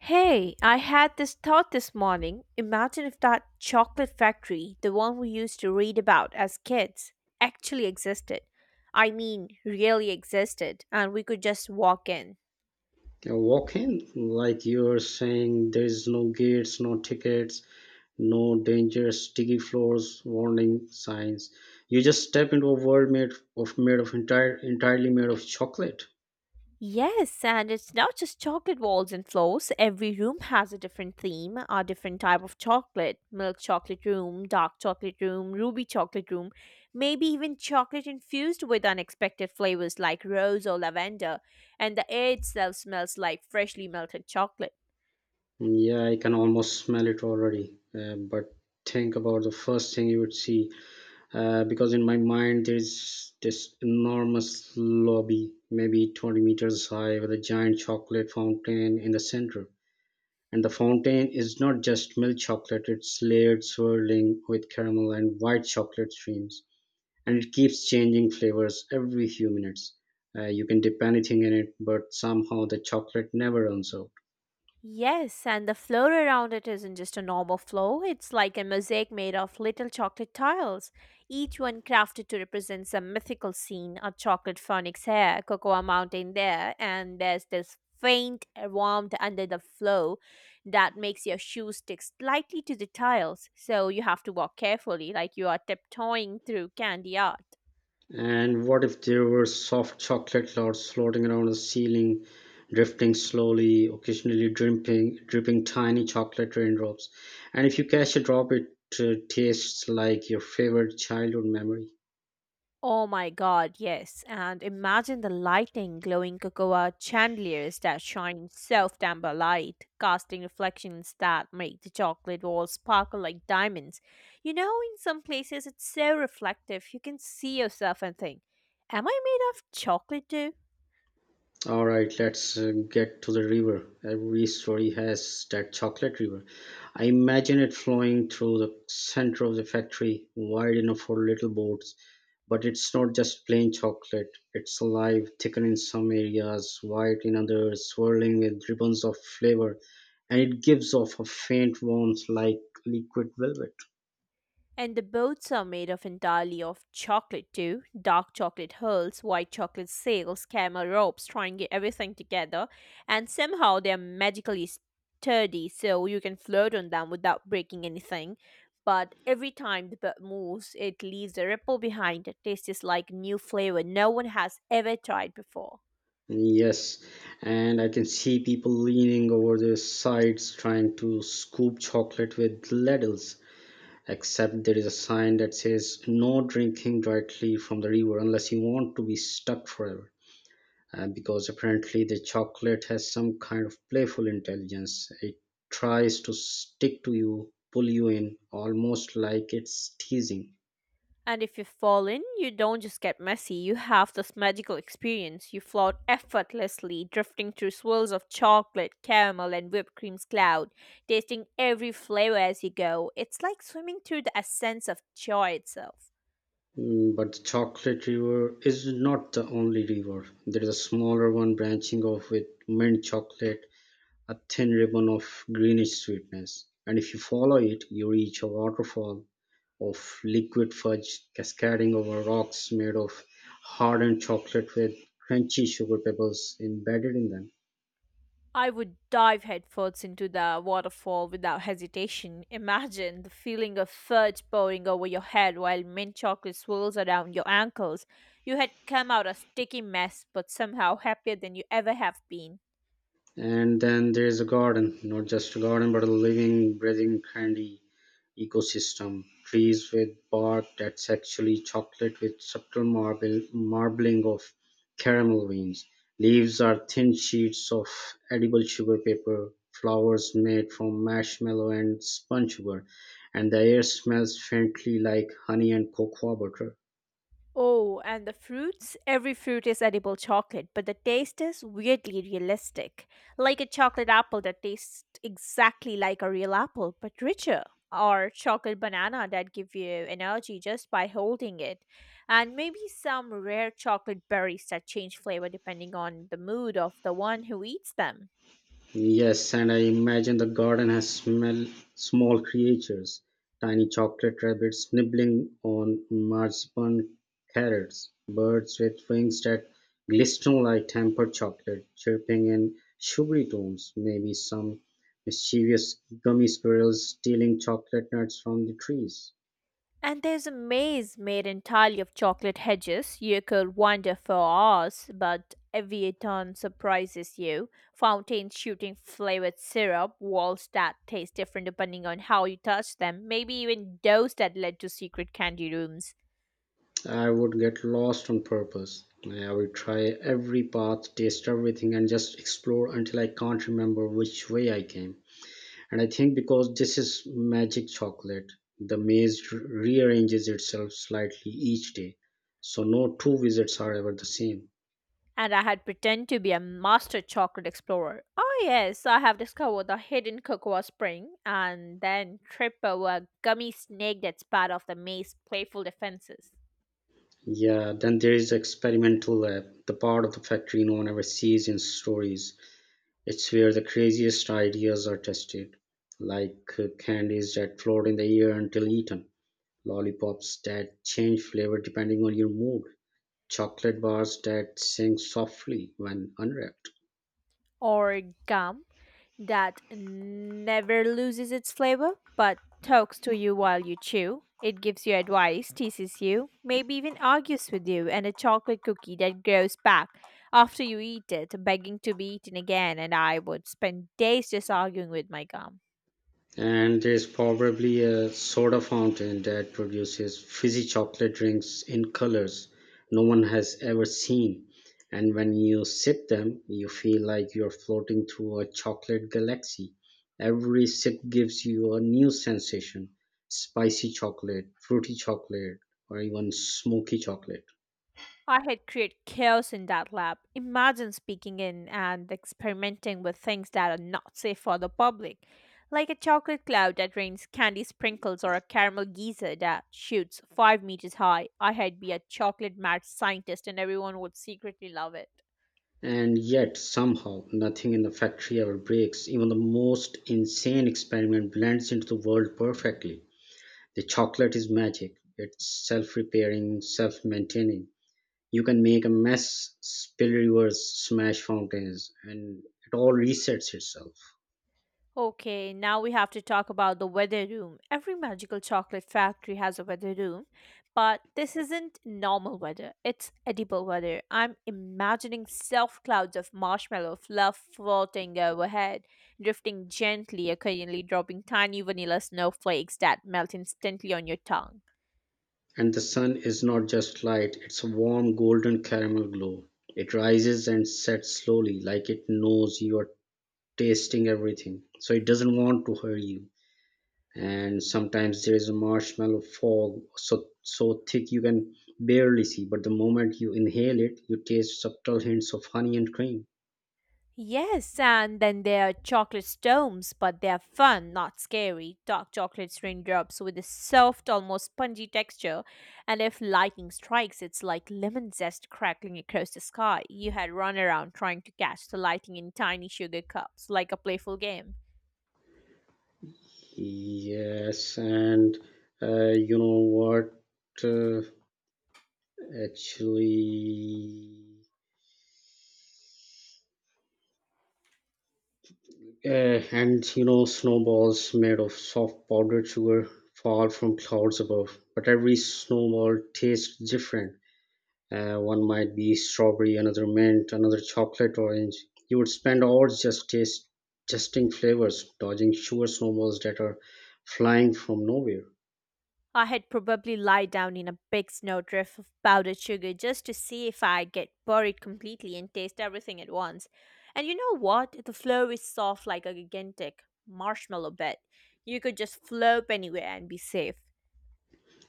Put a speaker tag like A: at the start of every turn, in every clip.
A: Hey, I had this thought this morning. Imagine if that chocolate factory, the one we used to read about as kids, actually existed. I mean, really existed, and we could just walk in.
B: Yeah, walk in like you're saying there's no gates, no tickets, no danger, sticky floors, warning signs. You just step into a world made of entire entirely made of chocolate.
A: Yes, and it's not just chocolate walls and floors. Every room has a different theme, a different type of chocolate. Milk chocolate room, dark chocolate room, ruby chocolate room, maybe even chocolate infused with unexpected flavors like rose or lavender. And the air itself smells like freshly melted chocolate.
B: Yeah, I can almost smell it already. But think about the first thing you would see, because in my mind there's this enormous lobby, maybe 20 meters high, with a giant chocolate fountain in the center. And the fountain is not just milk chocolate, it's layered, swirling with caramel and white chocolate streams. And it keeps changing flavors every few minutes. You can dip anything in it, but somehow the chocolate never runs out.
A: Yes, and the floor around it isn't just a normal floor, it's like a mosaic made of little chocolate tiles, each one crafted to represent some mythical scene, a chocolate phoenix here, a cocoa mountain there, and there's this faint warmth under the floor that makes your shoes stick slightly to the tiles, so you have to walk carefully like you are tiptoeing through candy art.
B: And what if there were soft chocolate clouds floating around the ceiling, drifting slowly, occasionally dripping tiny chocolate raindrops? And if you catch a drop, it tastes like your favorite childhood memory.
A: Oh my god, yes. And imagine the lighting, glowing cocoa chandeliers that shine self amber light, casting reflections that make the chocolate walls sparkle like diamonds. You know, in some places it's so reflective, you can see yourself and think, am I made of chocolate too?
B: All right, let's get to the river. Every story has that chocolate river. I imagine it flowing through the center of the factory, wide enough for little boats. But it's not just plain chocolate, it's alive, thicker in some areas, white in others, swirling with ribbons of flavor, and it gives off a faint warmth like liquid velvet.
A: And the boats are made of entirely of chocolate too. Dark chocolate hulls, white chocolate sails, camel ropes, trying to get everything together. And somehow they're magically sturdy, so you can float on them without breaking anything. But every time the boat moves, it leaves a ripple behind that tastes like new flavor no one has ever tried before.
B: Yes, and I can see people leaning over their sides trying to scoop chocolate with ladles, except there is a sign that says no drinking directly from the river unless you want to be stuck forever, because apparently the chocolate has some kind of playful intelligence. It tries to stick to you, pull you in, almost like it's teasing.
A: And if you fall in, you don't just get messy, you have this magical experience. You float effortlessly, drifting through swirls of chocolate, caramel, and whipped cream's cloud, tasting every flavor as you go. It's like swimming through the essence of joy itself.
B: Mm, but the chocolate river is not the only river. There is a smaller one branching off with mint chocolate, a thin ribbon of greenish sweetness, and if you follow it, you reach a waterfall of liquid fudge cascading over rocks made of hardened chocolate with crunchy sugar pebbles embedded in them.
A: I would dive headfirst into the waterfall without hesitation. Imagine the feeling of fudge pouring over your head while mint chocolate swirls around your ankles. You had come out a sticky mess, but somehow happier than you ever have been.
B: And then there's a garden, not just a garden, but a living, breathing candy ecosystem. Trees with bark that's actually chocolate with subtle marble marbling of caramel veins, leaves are thin sheets of edible sugar paper, flowers made from marshmallow and sponge sugar, and the air smells faintly like honey and cocoa butter.
A: Oh, and the fruits? Every fruit is edible chocolate, but the taste is weirdly realistic. Like a chocolate apple that tastes exactly like a real apple, but richer. Or chocolate banana that give you energy just by holding it. And maybe some rare chocolate berries that change flavor depending on the mood of the one who eats them.
B: Yes, and I imagine the garden has smell small creatures, tiny chocolate rabbits nibbling on marzipan carrots, birds with wings that glisten like tempered chocolate, chirping in sugary tones, maybe some mischievous gummy squirrels stealing chocolate nuts from the trees.
A: And there's a maze made entirely of chocolate hedges. You could wander for hours, but every turn surprises you. Fountains shooting flavored syrup, walls that taste different depending on how you touch them, maybe even doors that led to secret candy rooms.
B: I would get lost on purpose. I would try every path, taste everything, and just explore until I can't remember which way I came. And I think because this is magic chocolate, the maze rearranges itself slightly each day, so no two visits are ever the same.
A: And I had pretend to be a master chocolate explorer. Oh yes, I have discovered the hidden cocoa spring, and then trip over a gummy snake that spat off the maze playful defenses.
B: Yeah, then there is the experimental lab, the part of the factory no one ever sees in stories. It's where the craziest ideas are tested, like candies that float in the air until eaten, lollipops that change flavor depending on your mood, chocolate bars that sing softly when unwrapped.
A: Or gum that never loses its flavor but talks to you while you chew. It gives you advice, teases you, maybe even argues with you, and a chocolate cookie that grows back after you eat it, begging to be eaten again, and I would spend days just arguing with my gum.
B: And there's probably a soda fountain that produces fizzy chocolate drinks in colors no one has ever seen. And when you sip them, you feel like you're floating through a chocolate galaxy. Every sip gives you a new sensation: spicy chocolate, fruity chocolate, or even smoky chocolate.
A: I had create chaos in that lab. Imagine speaking in and experimenting with things that are not safe for the public, like a chocolate cloud that rains candy sprinkles or a caramel geyser that shoots 5 meters high. I had be a chocolate mad scientist, and everyone would secretly love it.
B: And yet, somehow, nothing in the factory ever breaks. Even the most insane experiment blends into the world perfectly. The chocolate is magic. It's self-repairing, self-maintaining. You can make a mess, spill rivers, smash fountains, and it all resets itself.
A: Okay, now we have to talk about the weather room. Every magical chocolate factory has a weather room, but this isn't normal weather. It's edible weather. I'm imagining self clouds of marshmallow fluff floating overhead, drifting gently, occasionally dropping tiny vanilla snowflakes that melt instantly on your tongue.
B: And the sun is not just light, it's a warm golden caramel glow. It rises and sets slowly, like it knows you are tasting everything, so it doesn't want to hurt you. And sometimes there is a marshmallow fog so thick you can barely see, but the moment you inhale it, you taste subtle hints of honey and cream.
A: Yes, and then there are chocolate storms, but they are fun, not scary. Dark chocolate raindrops with a soft, almost spongy texture, and if lightning strikes, it's like lemon zest crackling across the sky. You had run around trying to catch the lightning in tiny sugar cups, like a playful game.
B: Yes and you know what uh, actually uh, and you know snowballs made of soft powdered sugar fall from clouds above, but every snowball tastes different. One might be strawberry, another mint, another chocolate orange. You would spend hours just testing flavors, dodging sugar snowballs that are flying from nowhere.
A: I had probably lie down in a big snowdrift of powdered sugar just to see if I'd get buried completely and taste everything at once. And you know what? The floor is soft like a gigantic marshmallow bed. You could just flop anywhere and be safe.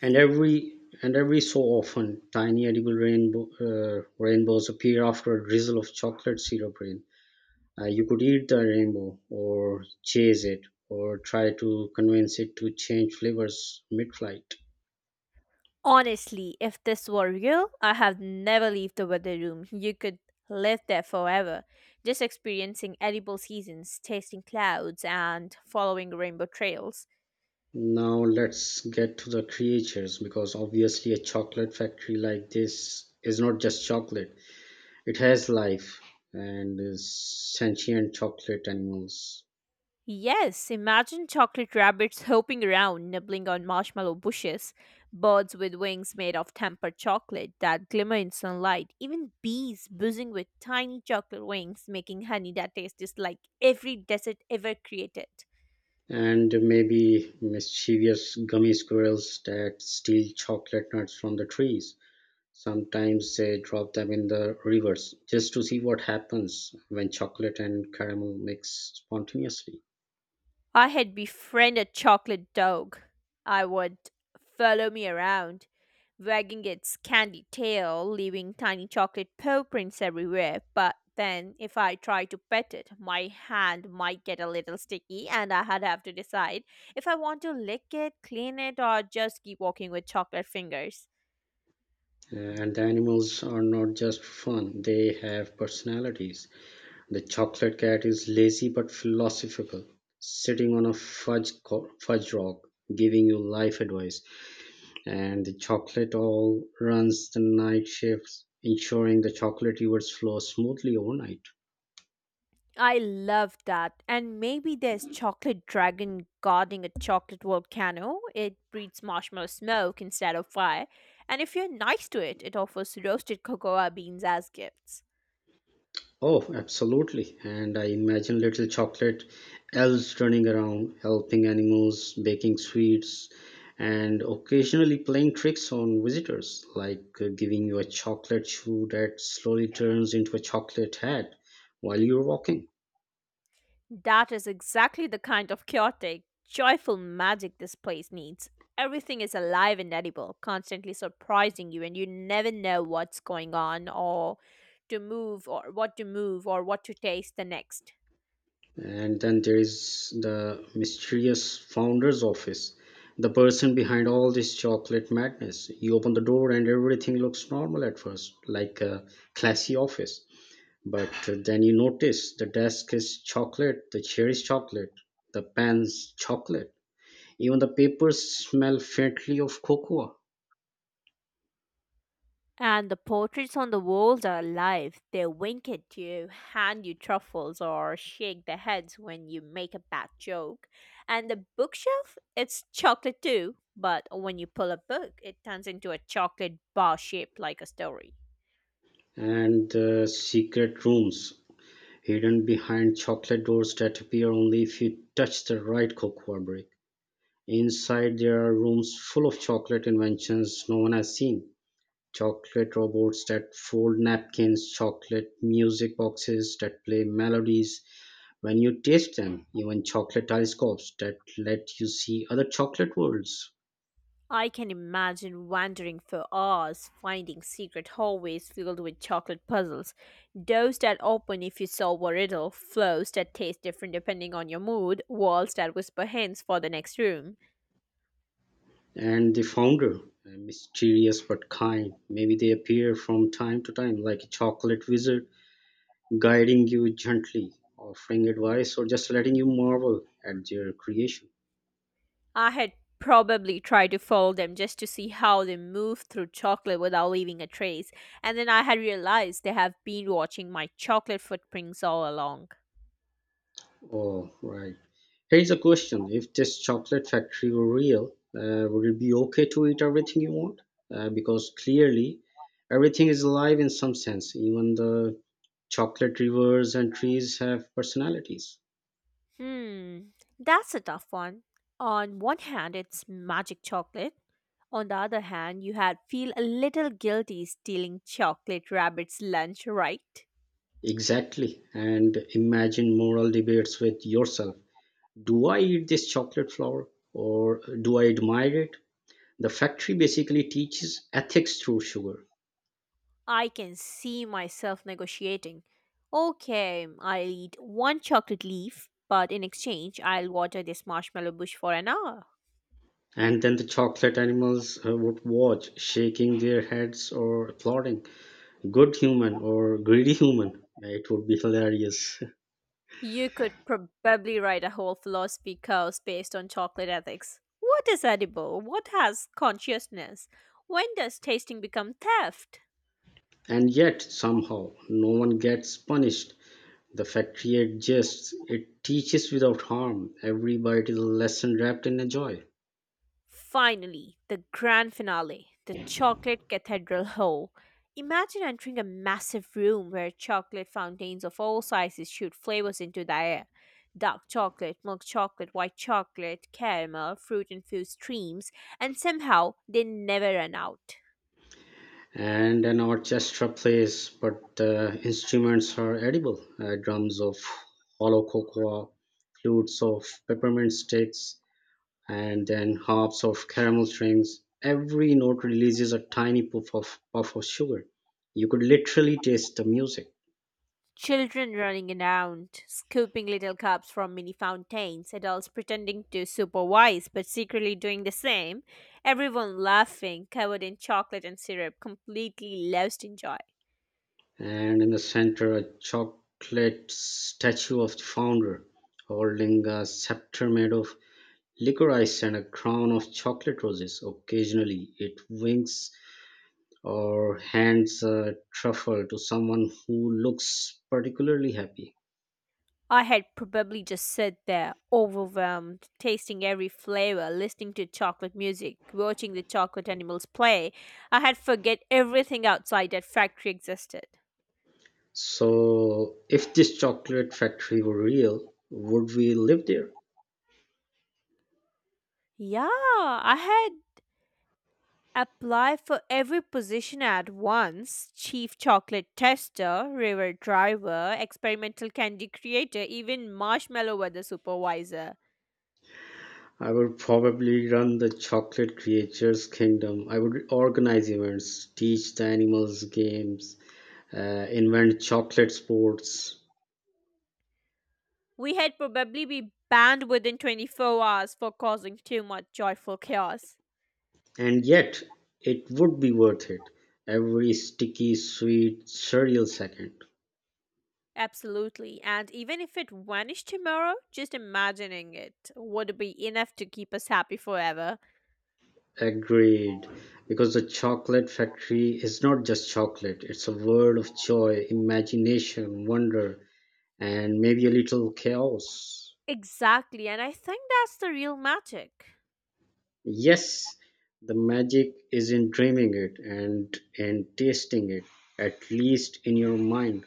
B: And every so often, tiny edible rainbows appear after a drizzle of chocolate syrup rain. You could eat the rainbow, or chase it, or try to convince it to change flavors mid-flight.
A: Honestly, if this were real, I have never leave the weather room. You could live there forever, just experiencing edible seasons, tasting clouds, and following rainbow trails.
B: Now let's get to the creatures, because obviously a chocolate factory like this is not just chocolate. It has life, and is sentient chocolate animals.
A: Yes, imagine chocolate rabbits hopping around, nibbling on marshmallow bushes, birds with wings made of tempered chocolate that glimmer in sunlight, even bees buzzing with tiny chocolate wings, making honey that tastes like every desert ever created.
B: And maybe mischievous gummy squirrels that steal chocolate nuts from the trees. Sometimes they drop them in the rivers just to see what happens when chocolate and caramel mix spontaneously.
A: I had befriended chocolate dog. I would follow me around, wagging its candy tail, leaving tiny chocolate paw prints everywhere. But then, if I tried to pet it, my hand might get a little sticky, and I had have to decide if I want to lick it, clean it, or just keep walking with chocolate fingers.
B: And the animals are not just fun, they have personalities. The chocolate cat is lazy but philosophical, sitting on a fudge rock, giving you life advice. And the chocolate owl runs the night shifts, ensuring the chocolate rivers flow smoothly overnight.
A: I love that. And maybe there's chocolate dragon guarding a chocolate volcano. It breathes marshmallow smoke instead of fire. And if you're nice to it, it offers roasted cocoa beans as gifts.
B: Oh, absolutely. And I imagine little chocolate elves running around, helping animals, baking sweets, and occasionally playing tricks on visitors, like giving you a chocolate shoe that slowly turns into a chocolate hat while you're walking.
A: That is exactly the kind of chaotic, joyful magic this place needs. Everything is alive and edible, constantly surprising you, and you never know what's going on or to move or what to taste the next.
B: And then there is the mysterious founder's office, the person behind all this chocolate madness. You open the door, and everything looks normal at first, like a classy office. But then you notice the desk is chocolate, the chair is chocolate, the pen's chocolate, even the papers smell faintly of cocoa.
A: And the portraits on the walls are alive. They wink at you, hand you truffles, or shake their heads when you make a bad joke. And the bookshelf, it's chocolate too, but when you pull a book, it turns into a chocolate bar shaped like a story.
B: And the secret rooms, hidden behind chocolate doors that appear only if you touch the right cocoa brick. Inside, there are rooms full of chocolate inventions no one has seen. Chocolate robots that fold napkins, chocolate music boxes that play melodies, when you taste them, even chocolate telescopes that let you see other chocolate worlds.
A: I can imagine wandering for hours, finding secret hallways filled with chocolate puzzles, doors that open if you solve a riddle, floors that taste different depending on your mood, walls that whisper hints for the next room.
B: And the founder, mysterious but kind, maybe they appear from time to time like a chocolate wizard, guiding you gently, offering advice, or just letting you marvel at their creation.
A: I had probably tried to follow them just to see how they move through chocolate without leaving a trace, and then I had realized they have been watching my chocolate footprints all along.
B: Oh, right. Here's a question. If this chocolate factory were real, would it be okay to eat everything you want? Because clearly, everything is alive in some sense, even the chocolate rivers and trees have personalities.
A: Hmm, that's a tough one. On one hand, it's magic chocolate. On the other hand, you had feel a little guilty stealing chocolate rabbit's lunch, right?
B: Exactly. And imagine moral debates with yourself. Do I eat this chocolate flower or do I admire it? The factory basically teaches ethics through sugar.
A: I can see myself negotiating. Okay, I'll eat one chocolate leaf, but in exchange, I'll water this marshmallow bush for an hour.
B: And then the chocolate animals would watch, shaking their heads or applauding. Good human or greedy human. It would be hilarious.
A: You could probably write a whole philosophy course based on chocolate ethics. What is edible? What has consciousness? When does tasting become theft?
B: And yet, somehow, no one gets punished. The factory adjusts, it teaches without harm. Every bite is a lesson wrapped in a joy.
A: Finally, the grand finale, the chocolate cathedral hall. Imagine entering a massive room where chocolate fountains of all sizes shoot flavors into the air. Dark chocolate, milk chocolate, white chocolate, caramel, fruit infused streams, and somehow they never run out.
B: And an orchestra plays, but instruments are edible: drums of hollow cocoa, flutes of peppermint sticks, and then harps of caramel strings. Every note releases a tiny puff of sugar. You could literally taste the music.
A: Children running around, scooping little cups from mini fountains, adults pretending to supervise but secretly doing the same, everyone laughing, covered in chocolate and syrup, completely lost in joy.
B: And in the center, a chocolate statue of the founder holding a scepter made of licorice and a crown of chocolate roses. Occasionally it winks or hands a truffle to someone who looks particularly happy.
A: I had probably just sat there, overwhelmed, tasting every flavor, listening to chocolate music, watching the chocolate animals play. I had forget everything outside that factory existed.
B: So if this chocolate factory were real, would we live there?
A: Yeah, I had apply for every position at once, chief chocolate tester, river driver, experimental candy creator, even marshmallow weather supervisor.
B: I would probably run the chocolate creatures kingdom. I would organize events, teach the animals games, invent chocolate sports.
A: We had probably be banned within 24 hours for causing too much joyful chaos.
B: And yet, it would be worth it, every sticky, sweet, surreal second.
A: Absolutely, and even if it vanished tomorrow, just imagining it would be enough to keep us happy forever.
B: Agreed, because the chocolate factory is not just chocolate, it's a world of joy, imagination, wonder, and maybe a little chaos.
A: Exactly, and I think that's the real magic.
B: Yes, the magic is in dreaming it and in tasting it, at least in your mind.